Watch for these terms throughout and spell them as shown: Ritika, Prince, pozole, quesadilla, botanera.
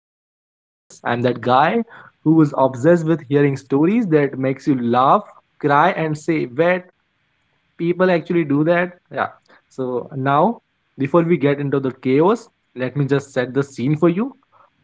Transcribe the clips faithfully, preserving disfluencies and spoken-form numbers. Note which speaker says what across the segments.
Speaker 1: Prince, and yes, I'm that guy who is obsessed with hearing stories that makes you laugh, cry, and say, "Wait, people actually do that." Yeah. So now, before we get into the chaos, let me just set the scene for you.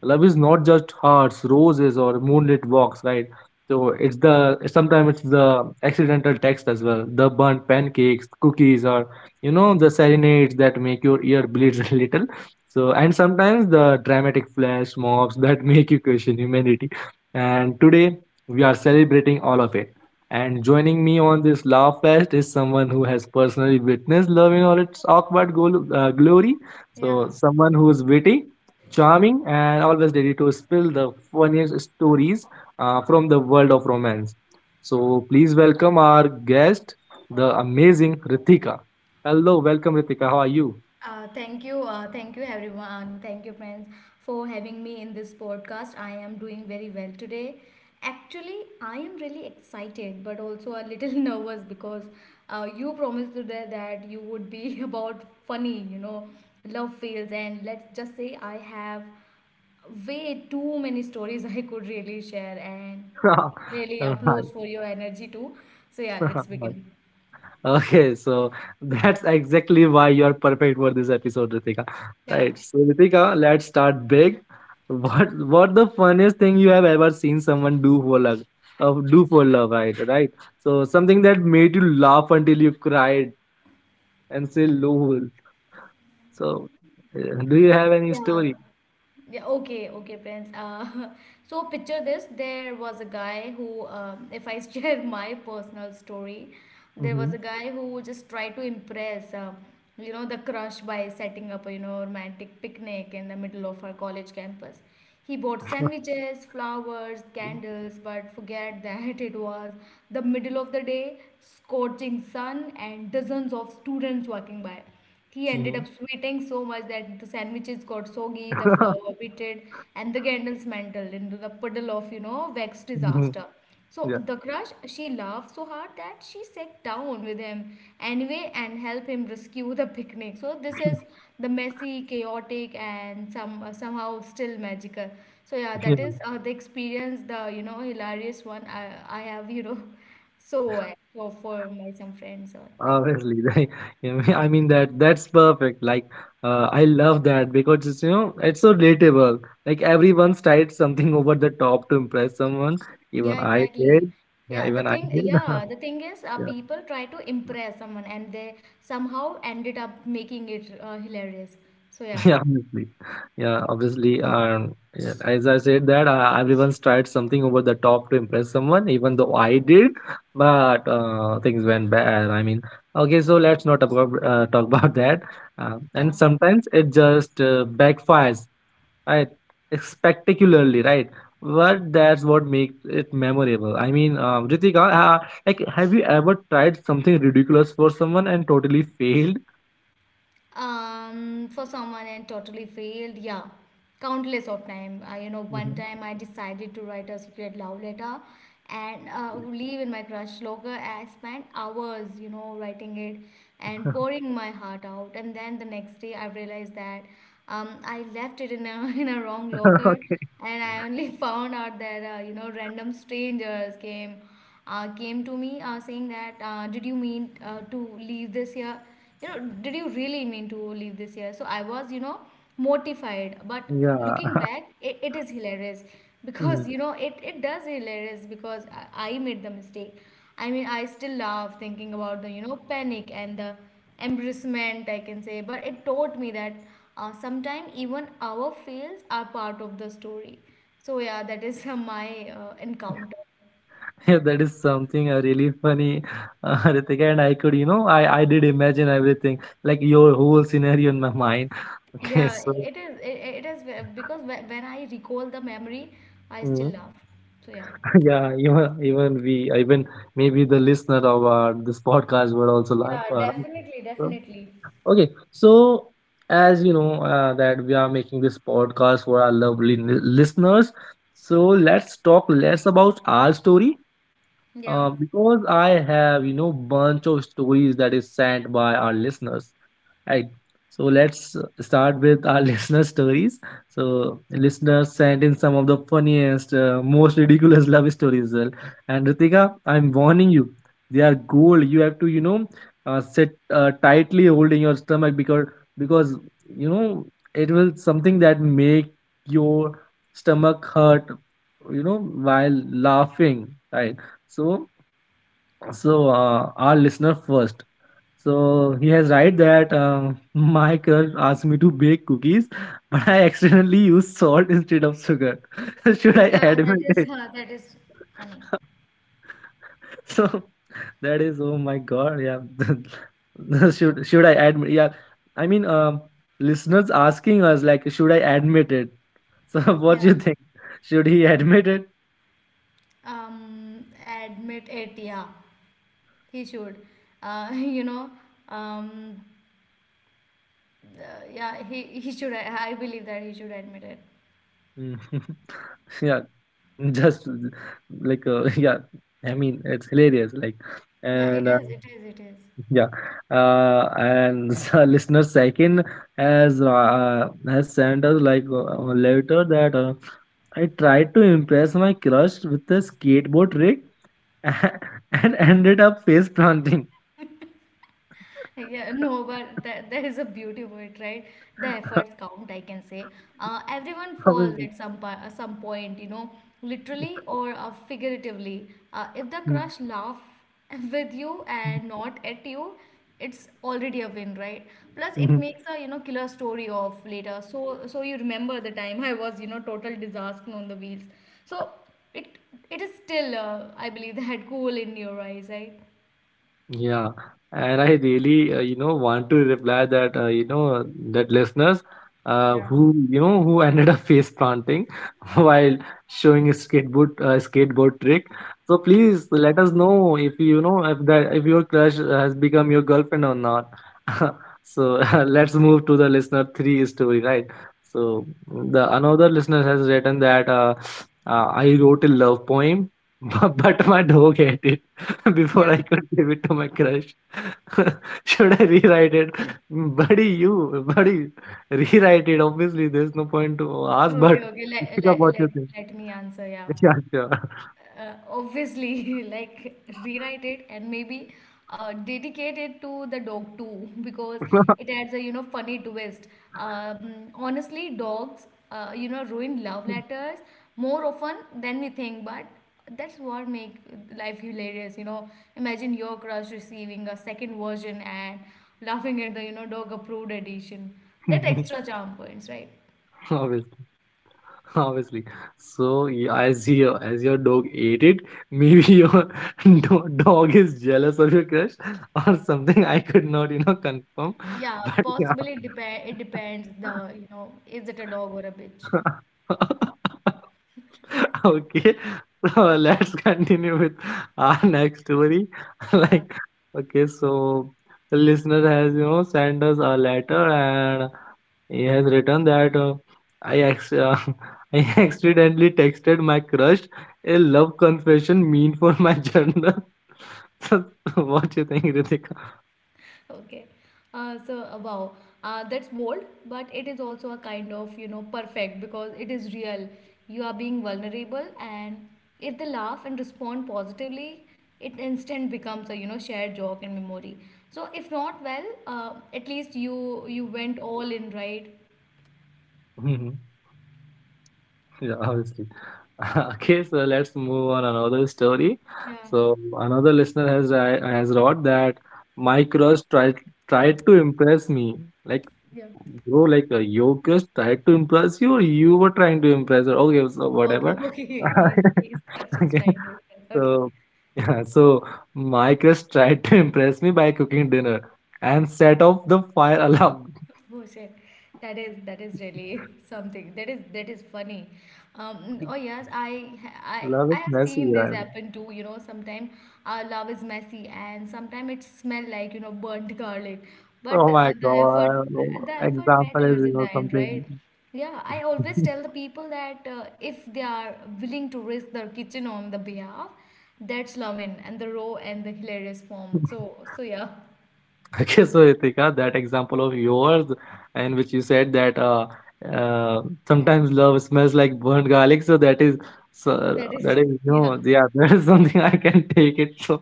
Speaker 1: Love is not just hearts, roses, or moonlit walks, right? So it's the sometimes it's the accidental text, as well the burnt pancakes, cookies, or you know the serenades that make your ear bleed a little. So and sometimes the dramatic flash mobs that make you question humanity. And today we are celebrating all of it. And joining me on this laugh fest is someone who has personally witnessed love in all its awkward gol- uh, glory.
Speaker 2: Yeah.
Speaker 1: So, someone who is witty, charming, and always ready to spill the funniest stories uh, from the world of romance. So, please welcome our guest, the amazing Ritika. Hello, welcome, Ritika. How are you?
Speaker 2: Uh, thank you. Uh, thank you, everyone. Thank you, friends, for having me in this podcast. I am doing very well today. Actually, I am really excited, but also a little nervous because uh, you promised today that you would be about funny, you know, love fails. And let's just say I have way too many stories I could really share and really
Speaker 1: Hi.
Speaker 2: applause for your energy too. So, yeah, let's begin.
Speaker 1: Okay, so that's exactly why you are perfect for this episode, Ritika.
Speaker 2: Yeah.
Speaker 1: Right. So Ritika, let's start big. What what the funniest thing you have ever seen someone do for love? Uh, do for love, right? Right. So something that made you laugh until you cried and say lol. So uh, do you have any
Speaker 2: Yeah.
Speaker 1: story?
Speaker 2: Yeah, okay, okay, Prince. Uh, so picture this, there was a guy who, um, if I share my personal story, there
Speaker 1: Mm-hmm.
Speaker 2: was a guy who just tried to impress, uh, you know, the crush by setting up a, you know, romantic picnic in the middle of our college campus. He bought sandwiches, flowers, candles, but forget that it was the middle of the day, scorching sun, and dozens of students walking by. He ended up sweating so much that the sandwiches got soggy, the flour pitted, and the candles mantled into the puddle of, you know, vexed
Speaker 1: Hmm.
Speaker 2: disaster. So the crush, she laughed so hard that she sat down with him anyway and helped him rescue the picnic. So this is the messy, chaotic, and some uh, somehow still magical. So yeah,
Speaker 1: Yeah.
Speaker 2: that is uh, the experience, the you know hilarious one I I have you know So uh, for for my some friends or like.
Speaker 1: Obviously, like, I mean I mean that that's perfect. Like, uh, I love that because it's, you know it's so relatable. Like everyone's tried something over the top to impress someone. Even
Speaker 2: Yeah,
Speaker 1: I
Speaker 2: exactly.
Speaker 1: did. Yeah,
Speaker 2: Yeah, the
Speaker 1: even I
Speaker 2: thing,
Speaker 1: did.
Speaker 2: yeah, the thing is, uh,
Speaker 1: Yeah,
Speaker 2: people try to impress someone and they somehow ended up making it uh, hilarious. So yeah,
Speaker 1: yeah, obviously. Yeah, obviously. Um, yeah, as I said that uh, everyone's tried something over the top to impress someone. Even though I did, but uh, things went bad. I mean, okay, so let's not talk about uh, talk about that. Uh, and
Speaker 2: yeah.
Speaker 1: sometimes it just uh, backfires. Right. Spectacularly, right? But that's what makes it memorable. I mean, uh, Ritika, uh, like, have you ever tried something ridiculous for someone and totally failed?
Speaker 2: um for someone and totally failed, yeah, countless of time. I, you know One
Speaker 1: Mhm.
Speaker 2: time I decided to write a secret love letter and uh, leave in my crush locker. I spent hours you know writing it and pouring my heart out, and then the next day I realized that um, I left it in a in a wrong locker,
Speaker 1: Okay,
Speaker 2: and I only found out that uh, you know random strangers came uh, came to me uh, saying that uh, did you mean uh, to leave this here, you know did you really mean to leave this year? So I was you know mortified, but
Speaker 1: yeah.
Speaker 2: looking back, it, it is hilarious
Speaker 1: Hmm.
Speaker 2: because you know it, it does hilarious because I, I made the mistake. I mean I still laugh thinking about the you know panic and the embarrassment, I can say, but it taught me that uh, sometimes even our fails are part of the story. So yeah, that is uh, my uh, encounter.
Speaker 1: Yeah, that is something uh, really funny, uh, Ritika. And I could, you know, I, I did imagine everything, like your whole scenario in my mind. Okay,
Speaker 2: Yeah,
Speaker 1: so
Speaker 2: it is. It, it is ve- because whe- when I recall the memory, I still
Speaker 1: mm,
Speaker 2: laugh. So yeah.
Speaker 1: yeah, even even we, even maybe the listener of uh, this podcast would also laugh.
Speaker 2: Yeah,
Speaker 1: Uh, right?
Speaker 2: definitely,
Speaker 1: So,
Speaker 2: definitely.
Speaker 1: Okay, so as you know uh, that we are making this podcast for our lovely n- listeners, so let's talk less about our story,
Speaker 2: Yeah.
Speaker 1: uh, because I have you know bunch of stories that is sent by our listeners. Right. So let's uh, start with our listener stories. So listeners sent in some of the funniest, uh, most ridiculous love stories as well. And Ritika, I'm warning you, they are gold. You have to, you know, uh, sit uh, tightly holding your stomach, because because you know it will something that make your stomach hurt, you know, while laughing. Right. So so uh, our listener first. So he has right that uh, my crush asked me to bake cookies, but I accidentally used salt instead of sugar. Should I admit it?
Speaker 2: Yeah, that is funny.
Speaker 1: So that is, oh my god, yeah. should should I admit? Yeah, I mean, um, listeners asking us like, should I admit it? So what do
Speaker 2: Yeah.
Speaker 1: you think? Should he admit it?
Speaker 2: Um, admit it. Yeah, he should. Uh, you know. Um, uh, yeah, he he should. I I believe that he should admit it.
Speaker 1: Mm. Yeah. Just like uh, yeah, I mean it's hilarious. Like,
Speaker 2: Yeah, it
Speaker 1: and uh,
Speaker 2: is. It is. It is.
Speaker 1: yeah, uh, and so listener second has uh, has sent us, like, uh, a letter that uh, I tried to impress my crush with a skateboard trick and ended up face planting.
Speaker 2: Yeah, no, but that, that is a beauty of it, right? The efforts count, I can say. Uh, everyone falls
Speaker 1: Obviously.
Speaker 2: at some po- uh, some point, you know, literally or uh, figuratively. Uh, if the crush laugh with you and not at you, it's already a win, right? Plus, it makes a you know killer story of later. So so you remember the time I was you know total disaster on the wheels. So it it is still uh, I believe that cool in your eyes, right?
Speaker 1: Yeah, and I really, uh, you know, want to reply that, uh, you know, that listeners uh, who, you know, who ended up face planting while showing a skateboard, uh, skateboard trick. So please let us know, if you know, if that if your crush has become your girlfriend or not. So let's move to the listener three story, right? So the another listener has written that uh, uh, I wrote a love poem, but, but my dog hated before
Speaker 2: Yeah.
Speaker 1: I could give it to my crush. Should I rewrite it? Buddy, you, buddy, rewrite it. Obviously, there's no point to ask,
Speaker 2: Okay,
Speaker 1: but
Speaker 2: okay. Let,
Speaker 1: think of
Speaker 2: let,
Speaker 1: what you
Speaker 2: let,
Speaker 1: think.
Speaker 2: let me answer. Yeah.
Speaker 1: Yeah, sure.
Speaker 2: Uh, obviously, like rewrite it, and maybe uh, dedicate it to the dog too because it adds a you know funny twist. Um, honestly, dogs uh, you know ruin love letters more often than we think, but that's what make life hilarious. You know, imagine your crush receiving a second version and laughing at the you know dog approved edition. That extra charm points, right?
Speaker 1: Obviously, obviously. So, yeah, as your as your dog ate it, maybe your do- dog is jealous of your crush or something. I could not, you know, confirm.
Speaker 2: Yeah,
Speaker 1: But yeah.
Speaker 2: possibly it depend it depends the, you know, is it a dog or a bitch?
Speaker 1: Okay. So let's continue with our next story.
Speaker 2: Yeah.
Speaker 1: Like, okay, so the listener has, you know, sent us a letter, and he has written that uh, I, ex- uh, I accidentally texted my crush a love confession mean for my journal. So, what do you think, Ritika?
Speaker 2: Okay. Uh, so uh, wow, uh, that's bold, but it is also a kind of, you know, perfect because it is real. You are being vulnerable, and if they laugh and respond positively, it instant becomes a, you know, shared joke and memory. So if not well, uh, at least you you went all in, right?
Speaker 1: Yeah, obviously. Okay, so let's move on another story.
Speaker 2: Yeah.
Speaker 1: So another listener has I has wrote that my crush tried tried to impress me. Like,
Speaker 2: Yeah.
Speaker 1: bro, like uh, your crush tried to impress you, or you were trying to impress her. Okay, so
Speaker 2: Okay.
Speaker 1: whatever.
Speaker 2: Okay. He's he's, he's
Speaker 1: Okay,
Speaker 2: trying to. Okay.
Speaker 1: so yeah, so my crush tried to impress me by cooking dinner and set off the fire alarm.
Speaker 2: Oh shit, that is that is really something. That is that is funny. Um, oh yes, I ha- I
Speaker 1: Love is
Speaker 2: I have seen
Speaker 1: messy,
Speaker 2: this
Speaker 1: right?
Speaker 2: happen too. You know, sometimes our love is messy, and sometimes it smell like you know burnt garlic. But
Speaker 1: Oh
Speaker 2: uh,
Speaker 1: my
Speaker 2: the effort
Speaker 1: god. Oh,
Speaker 2: the effort
Speaker 1: example is,
Speaker 2: matters
Speaker 1: you
Speaker 2: in
Speaker 1: know,
Speaker 2: the end,
Speaker 1: something.
Speaker 2: right? Yeah, I always tell the people that uh, if they are willing to risk their kitchen on the behalf, that's love in and the raw and the hilarious form. So so yeah,
Speaker 1: Okay, so Ritika, that example of yours, in which you said that uh, uh, sometimes love smells like burnt garlic, so that is, so
Speaker 2: that is
Speaker 1: that is, no,
Speaker 2: yeah.
Speaker 1: yeah, that is something I can take it. So,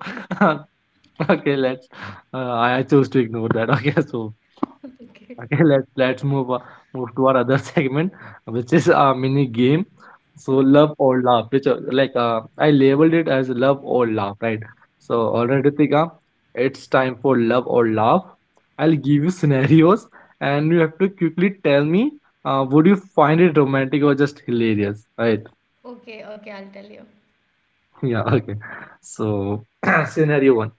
Speaker 1: okay, let's, uh, I choose to ignore that. Okay, so
Speaker 2: Okay.
Speaker 1: Okay, let's let's move uh, move to our other segment, which is a mini game. So love
Speaker 2: Okay,
Speaker 1: or laugh, which, uh, like uh, I labeled it as love or laugh, right? So all right, Ritika, it's time for love or laugh. I'll give you scenarios, and you have to quickly tell me, uh, would you find it romantic or just hilarious, right?
Speaker 2: okay, okay. I'll tell you.
Speaker 1: Yeah, okay. So scenario one.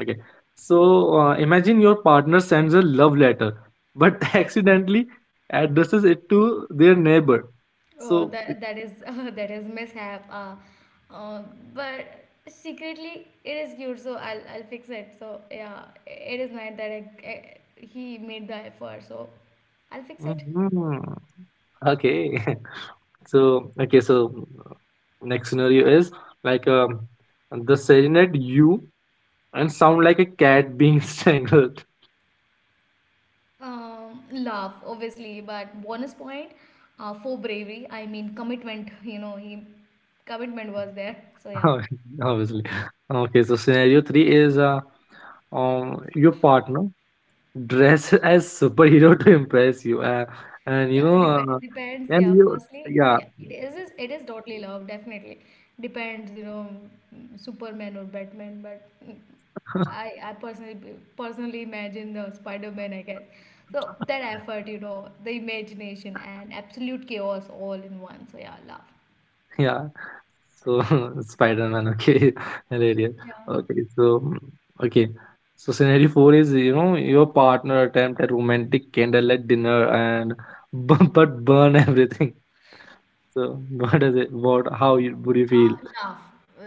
Speaker 1: Okay. So uh, imagine your partner sends a love letter, but accidentally addresses it to their neighbor.
Speaker 2: Oh,
Speaker 1: So,
Speaker 2: that that is that is mishap. Uh, uh, but secretly it is cute, so I'll I'll fix it. So yeah, it is nice that I, I- he made the effort, so I'll fix it.
Speaker 1: mhm. Okay. So, okay. So, uh, next scenario is like um, the serenade you and sound like a cat being strangled.
Speaker 2: Um, laugh obviously, but bonus point uh, for bravery. I mean commitment. You know, he commitment was there. So yeah.
Speaker 1: Obviously. Okay. So, scenario three is uh, um, your partner dress as superhero to impress you, uh, and you
Speaker 2: Yeah, it
Speaker 1: know
Speaker 2: dep
Speaker 1: uh,
Speaker 2: Depends.
Speaker 1: and
Speaker 2: Yeah,
Speaker 1: you,
Speaker 2: firstly,
Speaker 1: yeah,
Speaker 2: yeah, it is is- it is totally love, definitely. Depends, you know, mm, Superman or Batman, but mm, I I personally personally imagine the Spider-Man, I guess. So that effort, you know, the imagination and absolute chaos all in one. So yeah, love.
Speaker 1: yeah, so Spider-Man, okay, hilarious.
Speaker 2: Yeah.
Speaker 1: Okay so mm, okay so scenario four is, you know your partner attempt a romantic candlelight dinner, and bu- but burn everything, so what is it what how you, would you
Speaker 2: Uh,
Speaker 1: feel?
Speaker 2: laugh,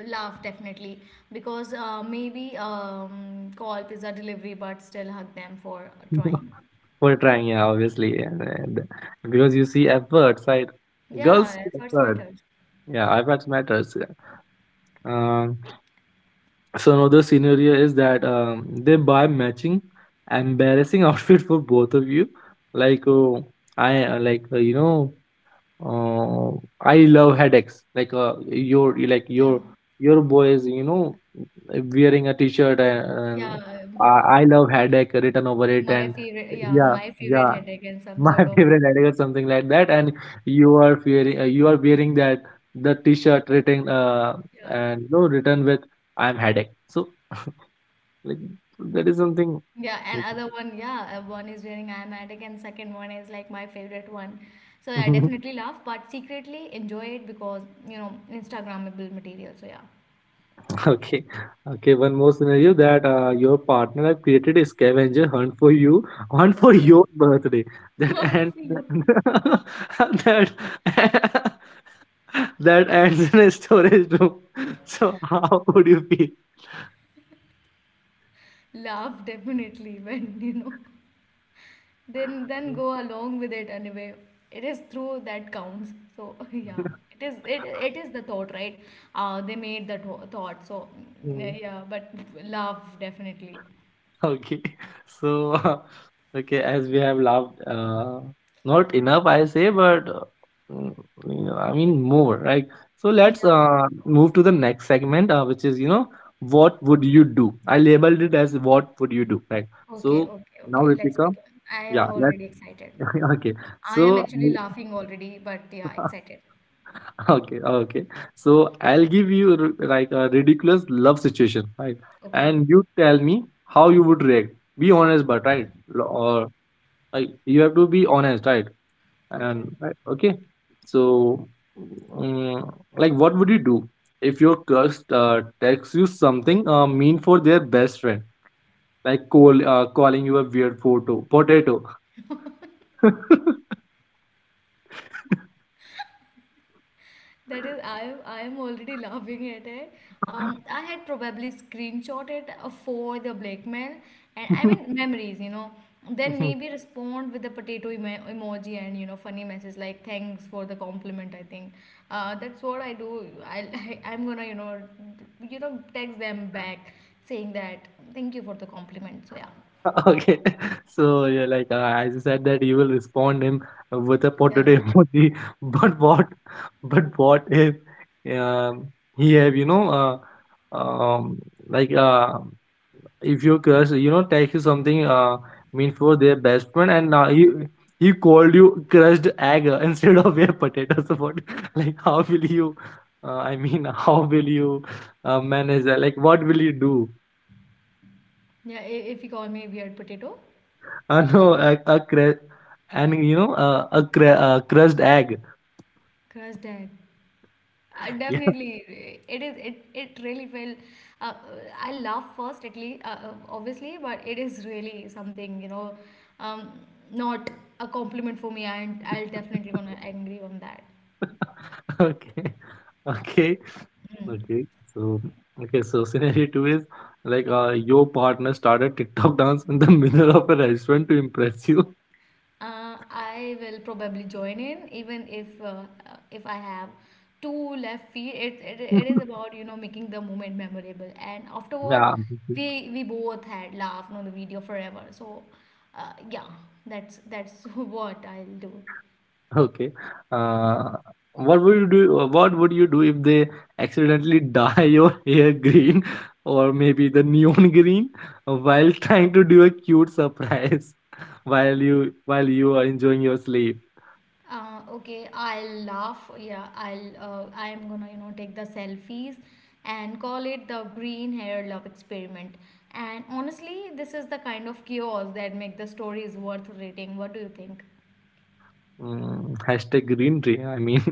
Speaker 2: Laugh definitely because uh, maybe um, call pizza delivery, but still hug them for trying.
Speaker 1: For trying, yeah, obviously, and, and because you see efforts, right? Girls
Speaker 2: Yeah,
Speaker 1: see
Speaker 2: efforts
Speaker 1: effort,
Speaker 2: matters.
Speaker 1: yeah. Efforts matters, yeah. Um, so another scenario is that um, they buy matching embarrassing outfit for both of you. Like uh, I uh, like uh, you know uh, I love headaches. Like uh, your like
Speaker 2: Yeah.
Speaker 1: your your boy is, you know wearing a t-shirt, and,
Speaker 2: Yeah,
Speaker 1: uh
Speaker 2: um,
Speaker 1: I, I love headache written over it,
Speaker 2: my
Speaker 1: and
Speaker 2: favorite. Yeah,
Speaker 1: yeah,
Speaker 2: my favorite
Speaker 1: yeah,
Speaker 2: headache and some
Speaker 1: my
Speaker 2: sort of.
Speaker 1: favorite headache or something like that, and you are wearing uh, you are wearing that the t-shirt written, uh,
Speaker 2: Yeah,
Speaker 1: and you know written with, I'm headache. So, like, that is something.
Speaker 2: yeah, and other one. Yeah, uh, one is during asthmatic, and second one is like my favorite one. So I definitely laugh, but secretly enjoy it because you know Instagrammable material. So yeah,
Speaker 1: Okay, okay. One more scenario, that uh, your partner have created a scavenger hunt for you, hunt for
Speaker 2: okay.
Speaker 1: your birthday. That,
Speaker 2: Good
Speaker 1: and
Speaker 2: for you.
Speaker 1: that that ends in a storage room. So how would you feel?
Speaker 2: Laugh definitely when you know. then then go along with it anyway, it is through that counts, so yeah, it is it, it is the thought, right? Uh, they made the tho- thought. So mm, yeah, but love definitely.
Speaker 1: Okay. So, okay, as we have laughed, uh, not enough, I say, but uh, mm, you know, I mean more, right? So let's
Speaker 2: Yeah.
Speaker 1: uh, move to the next segment, uh, which is, you know, what would you do? I labeled it as what would you do, right?
Speaker 2: Okay,
Speaker 1: So
Speaker 2: okay,
Speaker 1: now,
Speaker 2: okay. Let's
Speaker 1: Ritika,
Speaker 2: begin. I
Speaker 1: yeah,
Speaker 2: am
Speaker 1: let's,
Speaker 2: already excited.
Speaker 1: okay.
Speaker 2: I am
Speaker 1: So,
Speaker 2: actually laughing already, but yeah, excited.
Speaker 1: okay, okay. So I'll give you r- like a ridiculous love situation, right?
Speaker 2: Okay.
Speaker 1: And you tell me how you would react. Be honest, but right? L- Or like you have to be honest, right?
Speaker 2: Okay.
Speaker 1: And right, okay. So mm, like what would you do if your crush uh, texts you something uh, mean for their best friend, like call, uh, calling you a weird photo potato?
Speaker 2: That is, I I am already laughing at it. Um, I had probably screenshot it uh, for the blackmail, and I mean memories, you know. Then maybe respond with the potato emo- emoji and you know funny message like thanks for the compliment. I think uh, that's what I do. I, I I'm gonna you know you know text them back saying that thank you for the compliment. So yeah,
Speaker 1: Okay, so yeah, like uh, as you said that you will respond him with a
Speaker 2: yeah,
Speaker 1: potato emoji, but what but what if um, he have you know uh, um, like uh, if your crush you know text you something uh mean for their best friend, and uh, he he called you crushed egg, uh, instead of your potatoes? What, like how will you uh, i mean how will you uh, manage that? Like what will you do?
Speaker 2: yeah. i- If you call me a weird potato,
Speaker 1: Uh, no, a, a cru- and you know uh, a cru- uh, crushed egg.
Speaker 2: crush that. I
Speaker 1: Yeah,
Speaker 2: definitely, it is it it really will uh, I laugh first at least, uh, uh, obviously, but it is really something, you know um, not a compliment for me, and I'll definitely gonna agree on that.
Speaker 1: okay, okay, okay. So okay, so scenario two is like uh, your partner started tiktok dance in the middle of a restaurant to impress you.
Speaker 2: uh, I will probably join in even if uh, uh, if I have two left feet. It, it it is about you know making the moment memorable, and afterward
Speaker 1: Yeah.
Speaker 2: we we both had laughed on the video forever. So uh, yeah, that's that's what I'll do.
Speaker 1: Okay. Uh, what would you do? uh, What would you do if they accidentally dye your hair green or maybe the neon green while trying to do a cute surprise while you while you are enjoying your sleep?
Speaker 2: Uh, okay, I'll laugh. Yeah, I'll. Uh, I'm gonna, you know, take the selfies and call it the green hair love experiment. And honestly, this is the kind of chaos that make the stories worth reading. What do you think?
Speaker 1: Mm, hashtag green tree. I mean,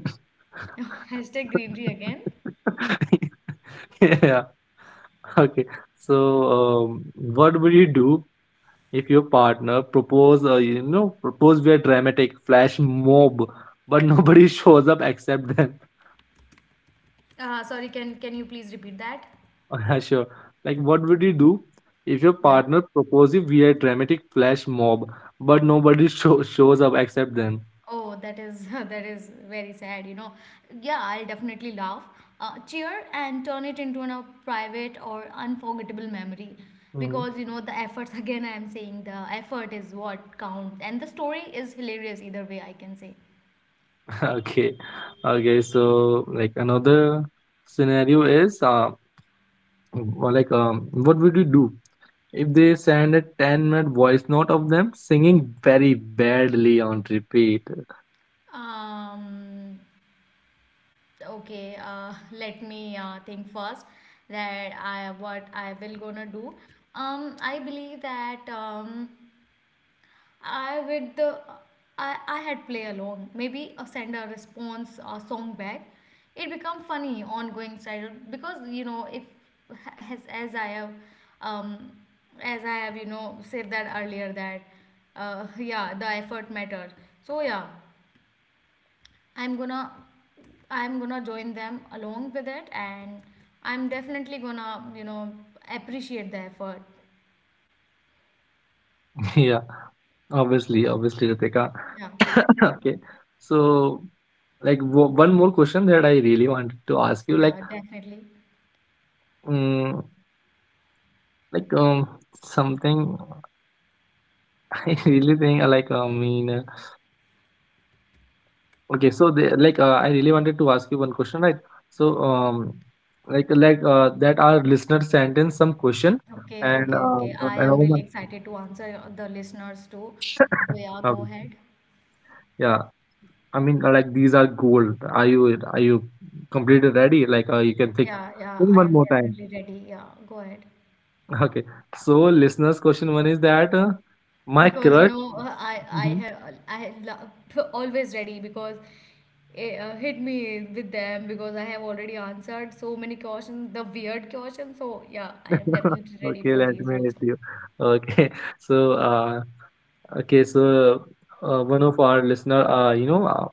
Speaker 2: Hashtag greenery again.
Speaker 1: yeah. Okay. So, um, what would you do if your partner propose uh, you know propose via dramatic flash mob, but nobody shows up except them?
Speaker 2: Uh, sorry, can can you please repeat that?
Speaker 1: Yeah, sure, like what would you do if your
Speaker 2: Yeah.
Speaker 1: partner proposes via dramatic flash mob but nobody show, shows up except them?
Speaker 2: Oh, that is that is very sad, you know. Yeah, I'll definitely laugh, uh, cheer, and turn it into an, a private or unforgettable memory,
Speaker 1: Hmm.
Speaker 2: because you know the efforts. Again, I am saying the effort is what counts, and the story is hilarious either way. I can say.
Speaker 1: Okay, okay. So like another scenario is uh, well, like um, what would you do if they send a ten minute voice note of them singing very badly on repeat?
Speaker 2: Um. Okay. Uh. Let me uh, think first. That I what I will gonna do. Um. I believe that um I with the I, I had play along. Maybe a send a response uh, song back. It become funny ongoing style because you know if as as I have um as I have you know said that earlier that uh, yeah the effort matters. So yeah, I'm gonna I'm gonna join them along with it, and I'm definitely gonna you know appreciate the effort.
Speaker 1: Yeah, obviously, obviously, Ritika.
Speaker 2: Yeah,
Speaker 1: Okay, so like wo- one more question that I really wanted to ask you, like,
Speaker 2: yeah, definitely.
Speaker 1: um, like um, something I really think uh, like I mean, uh, okay, so they, like uh, I really wanted to ask you one question, right? So um, like like uh, that our listener sent in some question,
Speaker 2: Okay,
Speaker 1: and
Speaker 2: okay, okay.
Speaker 1: uh,
Speaker 2: I
Speaker 1: and I
Speaker 2: am really
Speaker 1: want-
Speaker 2: excited to answer the listeners too. So yeah, go
Speaker 1: um,
Speaker 2: ahead.
Speaker 1: yeah, I mean, uh, like these are gold. Are you are you completely ready? Like uh, you can think.
Speaker 2: Yeah, yeah,
Speaker 1: Think
Speaker 2: I
Speaker 1: one
Speaker 2: am
Speaker 1: more time.
Speaker 2: definitely ready. Yeah, go ahead.
Speaker 1: Okay. So, listeners, question one is that uh, my
Speaker 2: Because you
Speaker 1: crush.
Speaker 2: know, uh, I I
Speaker 1: Mhm.
Speaker 2: have I love, always ready because it uh, hit me with them because I have already answered so many questions, the weird questions. So yeah, I am definitely ready
Speaker 1: Okay,
Speaker 2: for
Speaker 1: let
Speaker 2: these
Speaker 1: me help
Speaker 2: also.
Speaker 1: you. Okay. So, uh, okay. So, uh, one of our listener, uh, you know, uh,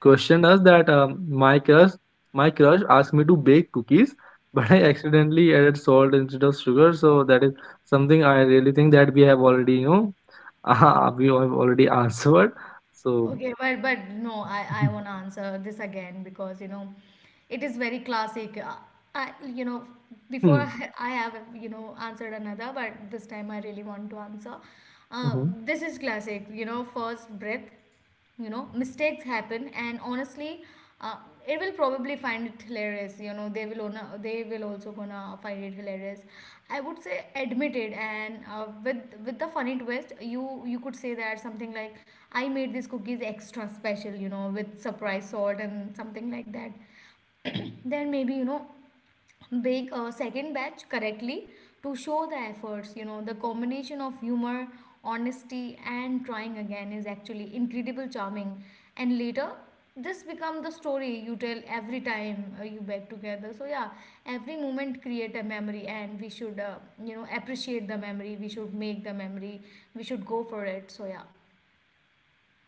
Speaker 1: questioned us that um, my crush my crush asked me to bake cookies but I accidentally added salt instead of sugar. So that is something I really think that we have already you know we have already answered. So
Speaker 2: Okay, but but no, I I want to answer this again because you know, it is very classic. Uh, I, you know, Before
Speaker 1: Mhm.
Speaker 2: I, I have you know answered another, but this time I really want to answer. Uh,
Speaker 1: Mhm.
Speaker 2: this is classic. You know, first breath. You know, mistakes happen, and honestly, uh, it will probably find it hilarious. You know, they will ona, they will also gonna find it hilarious. I would say admitted, and uh, with with the funny twist, you you could say that something like. I made these cookies extra special, you know, with surprise salt and something like that. Then maybe, you know, bake a second batch correctly to show the efforts. You know, the combination of humor, honesty, and trying again is actually incredible charming. And later, this become the story you tell every time uh, you bake together. So yeah, every moment create a memory, and we should, uh, you know, appreciate the memory. We should make the memory. We should go for it. So yeah,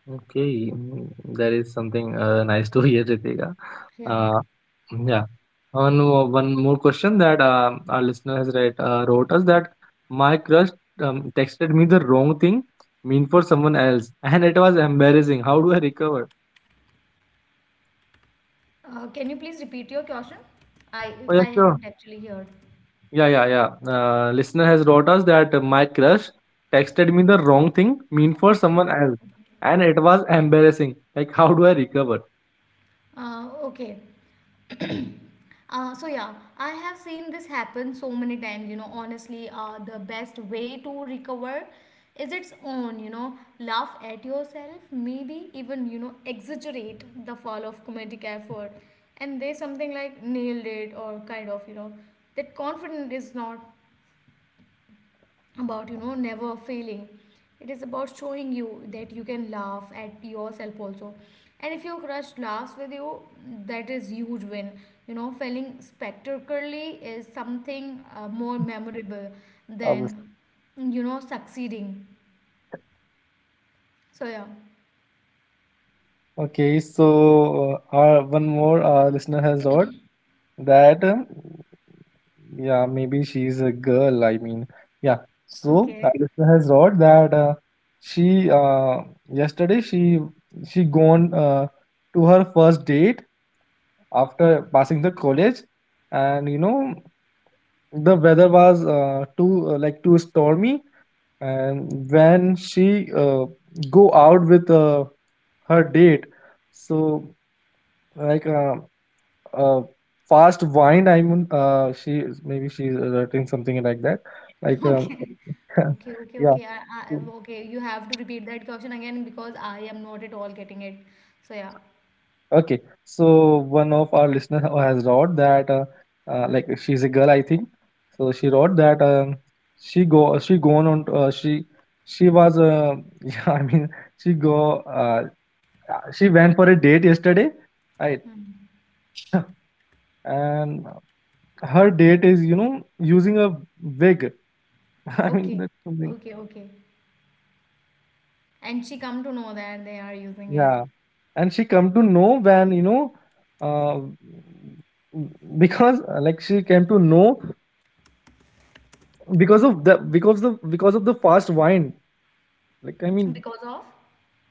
Speaker 1: Okay, mm, that is something uh, nice to hear, Ritika.
Speaker 2: yeah.
Speaker 1: Uh, yeah. One, more- one more question that um our listener has read, uh, wrote us that my crush um, texted me the wrong thing, mean for someone else, and it was embarrassing. How do I recover?
Speaker 2: Uh, can you please repeat your question? I
Speaker 1: Oh, yeah,
Speaker 2: I
Speaker 1: sure.
Speaker 2: haven't actually heard.
Speaker 1: Yeah, yeah, yeah. Uh, listener has wrote us that uh, my crush texted me the wrong thing, mean for
Speaker 2: Okay.
Speaker 1: someone else, and it was embarrassing. Like, how do I recover?
Speaker 2: Uh, okay. Uh, so yeah, I have seen this happen so many times. You know, honestly, uh, the best way to recover is its own. You know, laugh at yourself, maybe even you know exaggerate the fall of comedic effort, and they something like nailed it or kind of you know that confident is not about you know never failing, it is about showing you that you can laugh at yourself also. And if your crush laughs with you, that is huge win. You know failing spectacularly is something uh, more memorable than you know succeeding. So yeah.
Speaker 1: Okay, so uh, our, one more uh, listener has wrote that um, yeah, maybe she's a girl. I mean, yeah. So our
Speaker 2: Okay.
Speaker 1: listener has wrote that uh, she uh, yesterday she she gone uh, to her first date after passing the college, and you know the weather was uh, too uh, like too stormy, and when she uh, go out with uh, her date, so like uh, uh, fast wine, I mean uh, she is- maybe she's writing something like that, like um,
Speaker 2: okay okay okay
Speaker 1: yeah.
Speaker 2: okay I, I,
Speaker 1: Mm.
Speaker 2: okay you have to repeat that question again because I am not at all getting it. So yeah.
Speaker 1: Okay, so one of our listener who has wrote that uh, uh, like she's a girl I think. So she wrote that um, she go she gone on uh, she she was uh, yeah I mean she go uh, Uh, she went for a date yesterday, right?
Speaker 2: Hmm.
Speaker 1: And her date is, you know, using a wig. I mean,
Speaker 2: Okay,
Speaker 1: that's something.
Speaker 2: okay, okay. And she come to know that they are using it
Speaker 1: Yeah. And she come to know when, you know, uh, because uh, like she came to know because of the because of because of the fast wine. Like I mean,
Speaker 2: because of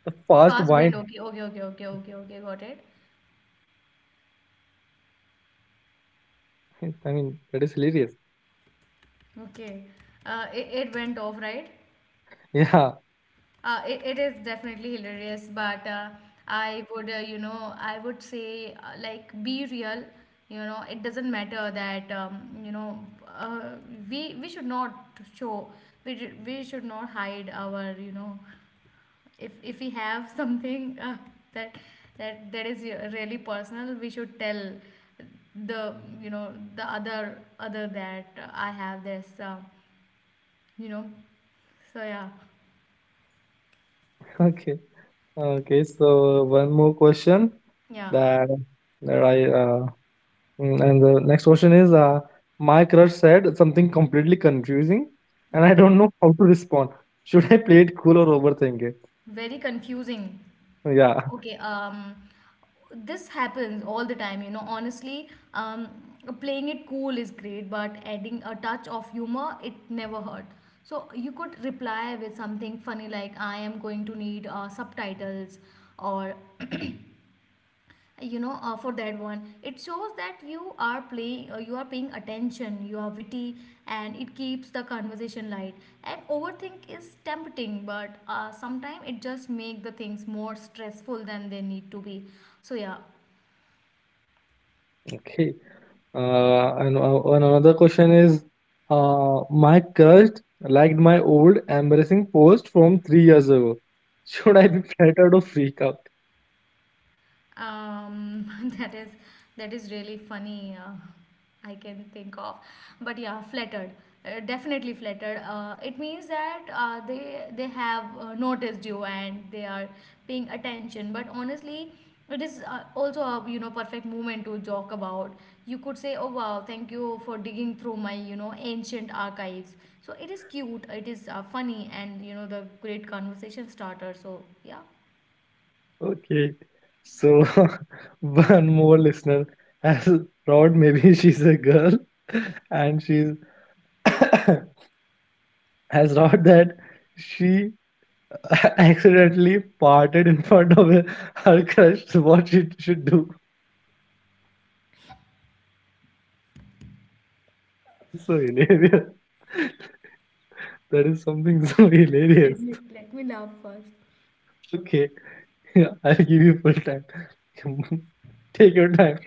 Speaker 1: the fast
Speaker 2: fast wind.
Speaker 1: wine.
Speaker 2: Okay, okay, okay, okay, okay, okay, got it.
Speaker 1: I mean, that is hilarious.
Speaker 2: Okay, uh, it, it went off, right?
Speaker 1: Yeah.
Speaker 2: Uh, it, it is definitely hilarious, but uh, I would, uh, you know, I would say, uh, like, be real. You know, it doesn't matter that, um, you know, uh, we we should not show, we, d- we should not hide our, you know, if if we have something uh, that that that is really personal. We should tell the you know the other other that uh, I have this uh, you know so yeah.
Speaker 1: Okay. Okay. So one more question
Speaker 2: Yeah,
Speaker 1: that that I uh, Mm, and the next question is, uh, my crush said something completely confusing, and I
Speaker 2: okay,
Speaker 1: don't know how to respond. Should I play it cool or overthink it?
Speaker 2: very confusing.
Speaker 1: Yeah.
Speaker 2: Okay, um, this happens all the time, you know. Honestly, um, playing it cool is great, but adding a touch of humor, it never hurt. So you could reply with something funny like, I am going to need uh, subtitles, or you know uh, for that one. It shows that you are playing uh, you are paying attention, you are witty, and it keeps the conversation light. And overthink is tempting, but uh, sometimes it just make the things more stressful than they need to be. So yeah.
Speaker 1: Okay. Uh, and uh, one another question is, uh, my crush liked my old embarrassing post from three years ago. Should I
Speaker 2: Okay.
Speaker 1: be flattered or freak out?
Speaker 2: Um, that is that is really funny. Uh, I can think of, but yeah, flattered. Uh, definitely flattered. Uh, it means that uh, they they have uh, noticed you and they are paying attention. But honestly, it is uh, also a you know perfect moment to joke about. You could say, "Oh wow, thank you for digging through my you know ancient archives." So it is cute. It is uh, funny and you know the great conversation starter. So yeah.
Speaker 1: Okay. So one more listener has Rod. Maybe she's a girl, and she's has wrote that she accidentally farted in front of her, her crush. So what she should do? It's so hilarious. That is something so
Speaker 2: Let
Speaker 1: hilarious.
Speaker 2: me let me laugh first.
Speaker 1: Okay, yeah, I'll give you full time. Take your time.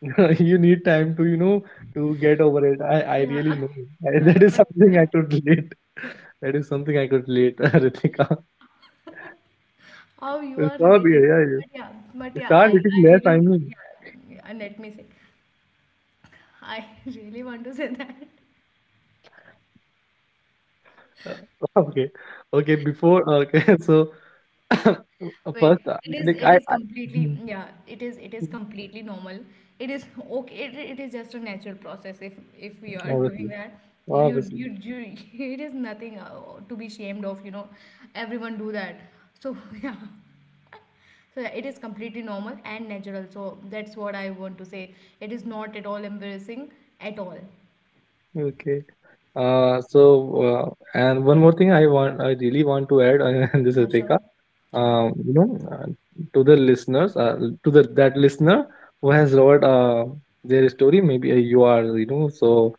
Speaker 1: You need time to you know to get over it. I I really
Speaker 2: Yeah,
Speaker 1: know. I,
Speaker 2: yeah,
Speaker 1: that is
Speaker 2: but
Speaker 1: something
Speaker 2: but
Speaker 1: I could relate. That is something I could relate, Ritika.
Speaker 2: how you are
Speaker 1: Stop
Speaker 2: relating?
Speaker 1: here, yeah.
Speaker 2: But yeah, but
Speaker 1: You
Speaker 2: yeah,
Speaker 1: start
Speaker 2: I I
Speaker 1: eating less. I
Speaker 2: really
Speaker 1: mean.
Speaker 2: yeah, yeah, let me say, I really want to say that.
Speaker 1: Uh, okay. Okay, before okay, so
Speaker 2: Wait,
Speaker 1: first, uh,
Speaker 2: it is
Speaker 1: like
Speaker 2: it
Speaker 1: I,
Speaker 2: is
Speaker 1: I
Speaker 2: completely
Speaker 1: Mhm.
Speaker 2: yeah, it is it is completely normal. It is okay. It, it is just a natural process if if we are doing
Speaker 1: Obviously,
Speaker 2: that. You
Speaker 1: obviously,
Speaker 2: you, you it is nothing uh, to be ashamed of, you know. Everyone do that. So yeah. So yeah, it is completely normal and natural. So that's what I want to say. It is not at all embarrassing at all.
Speaker 1: okay. Uh, so uh, and one more thing I want, I really want to add uh, in this,
Speaker 2: Yeah, sure.
Speaker 1: Ritika,
Speaker 2: Sure.
Speaker 1: um, you know, uh, to the listeners, uh, to the that listener who has wrote uh, their story, maybe uh, you are, you know, so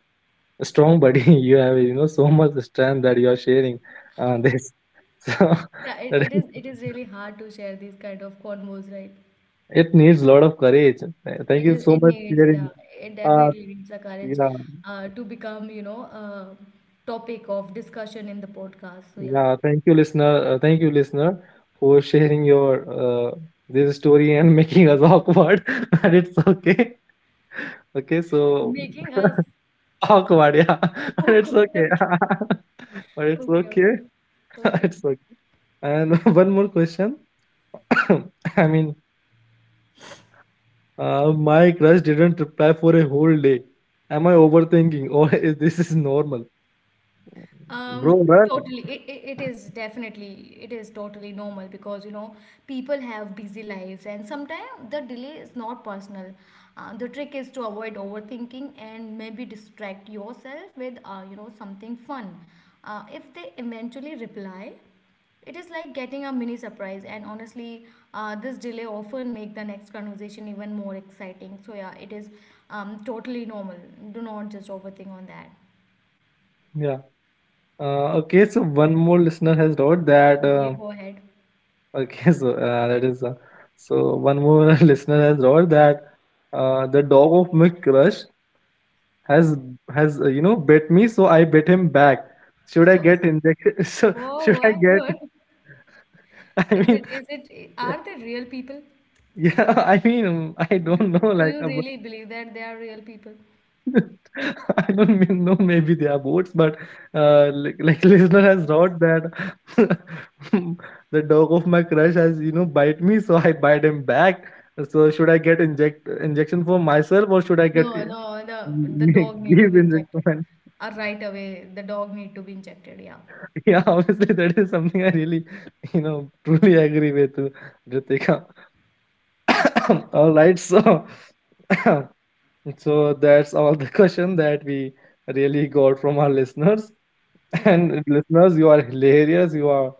Speaker 1: strong, buddy. You have, you know, so much strength that you are sharing uh, this. So.
Speaker 2: Yeah, it,
Speaker 1: That
Speaker 2: it
Speaker 1: is
Speaker 2: is it is really hard to share these kind of convos, right?
Speaker 1: It needs a lot of courage. Th- Thank
Speaker 2: It
Speaker 1: you
Speaker 2: is.
Speaker 1: so
Speaker 2: It
Speaker 1: much
Speaker 2: needs. Yeah.
Speaker 1: sharing.
Speaker 2: It
Speaker 1: Uh,
Speaker 2: definitely needs the courage
Speaker 1: yeah,
Speaker 2: uh, to become, you know, a topic of discussion in the podcast. So yeah,
Speaker 1: yeah. Thank you, listener. Uh, thank you, listener, for sharing your uh, this story and making us awkward. But it's okay. Okay, so
Speaker 2: making us.
Speaker 1: awkward, yeah. But
Speaker 2: Oh
Speaker 1: it's
Speaker 2: God.
Speaker 1: okay.
Speaker 2: Okay.
Speaker 1: But it's
Speaker 2: Okay.
Speaker 1: okay.
Speaker 2: Okay. Okay.
Speaker 1: It's okay. And one more question. I mean, uh, my crush didn't reply for a whole day. Am I overthinking or is this is normal?
Speaker 2: Um,
Speaker 1: Bro, run.
Speaker 2: totally. It, it, it is definitely, it is totally normal because, you know, people have busy lives and sometimes the delay is not personal. Uh, the trick is to avoid overthinking and maybe distract yourself with, uh, you know, something fun. Uh, if they eventually reply, it is like getting a mini surprise, and honestly uh, this delay often make the next conversation even more exciting. So yeah, it is um, totally normal. Do not just overthink on that.
Speaker 1: Yeah, Uh, okay, so one more listener has wrote that.
Speaker 2: Okay,
Speaker 1: Uh,
Speaker 2: go ahead.
Speaker 1: okay, so uh, that is uh, so one more listener has wrote that uh, the dog of my crush has has uh, you know bit me, so I bit him back. Should I
Speaker 2: So, a-
Speaker 1: get injected? So
Speaker 2: Whoa,
Speaker 1: should I
Speaker 2: what,
Speaker 1: get?
Speaker 2: what?
Speaker 1: I
Speaker 2: Is
Speaker 1: mean,
Speaker 2: it, is it,
Speaker 1: yeah,
Speaker 2: are they real people?
Speaker 1: yeah, I mean, I
Speaker 2: Do,
Speaker 1: don't know,
Speaker 2: do
Speaker 1: like,
Speaker 2: you
Speaker 1: uh,
Speaker 2: really believe that they are real people?
Speaker 1: I don't mean, know, maybe they are boats, but uh, like, like listener has wrote that the dog of my crush has you know bite me, so I bite him back. So should I get inject injection for myself, or should I get
Speaker 2: No,
Speaker 1: give
Speaker 2: no, the the dog need to be injected.
Speaker 1: injection?
Speaker 2: Uh, right away, the dog need to be injected. Yeah.
Speaker 1: Yeah, obviously that is something I really you know truly agree with uh, Ritika. All right, so so that's all the question that we really got from our listeners.
Speaker 2: Okay.
Speaker 1: And listeners, you are hilarious. You are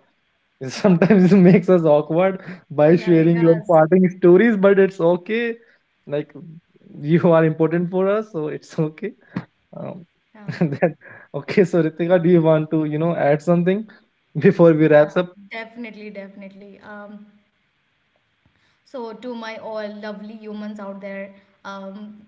Speaker 1: sometimes it makes us awkward by
Speaker 2: Yeah, it
Speaker 1: sharing your
Speaker 2: does.
Speaker 1: parting stories, but it's okay. Like, you are important for us, so it's okay. Um,
Speaker 2: Yeah.
Speaker 1: that okay. So Ritika, do you want to you know add something before we
Speaker 2: Yeah,
Speaker 1: wraps up?
Speaker 2: definitely, definitely. Um, So to my all lovely humans out there, um,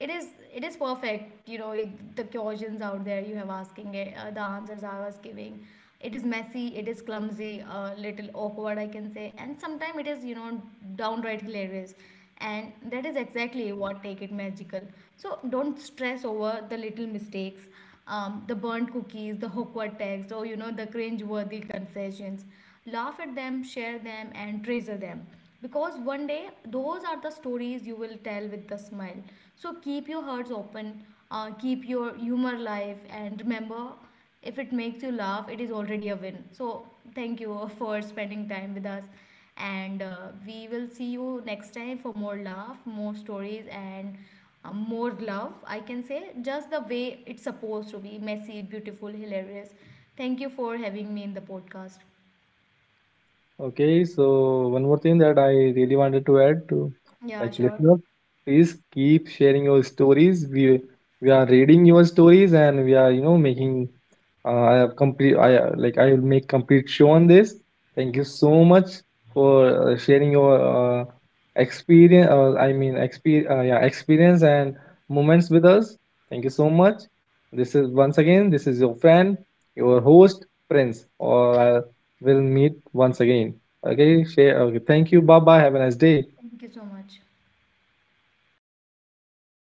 Speaker 2: it is it is perfect. You know the questions out there you have asking it, uh, the answers I was giving. It is messy, it is clumsy, a uh, little awkward I can say, and sometimes it is you know downright hilarious. And that is exactly what take it magical. So don't stress over the little mistakes, um, the burnt cookies, the awkward text, or you know the cringe-worthy confessions. Laugh at them, share them, and treasure them. Because one day, those are the stories you will tell with a smile. So keep your hearts open, uh, keep your humor alive, and remember, if it makes you laugh, it is already a win. So thank you for spending time with us. And uh, we will see you next time for more laugh, more stories, and uh, more love. I can say just the way it's supposed to be, messy, beautiful, hilarious. Thank you for having me in the podcast.
Speaker 1: Okay, so one more thing that I really wanted to add to,
Speaker 2: Yeah,
Speaker 1: like,
Speaker 2: sure.
Speaker 1: listeners, please keep sharing your stories. We we are reading your stories, and we are you know making uh, I have complete I uh, like I will make complete show on this. Thank you so much for uh, sharing your uh, experience. Uh, I mean experience uh, yeah experience and moments with us. Thank you so much. This is once again this is your friend, your host Prince, or uh, we'll meet once again. Okay, share. Okay, thank you. Bye bye. Have a nice day.
Speaker 2: Thank you so much.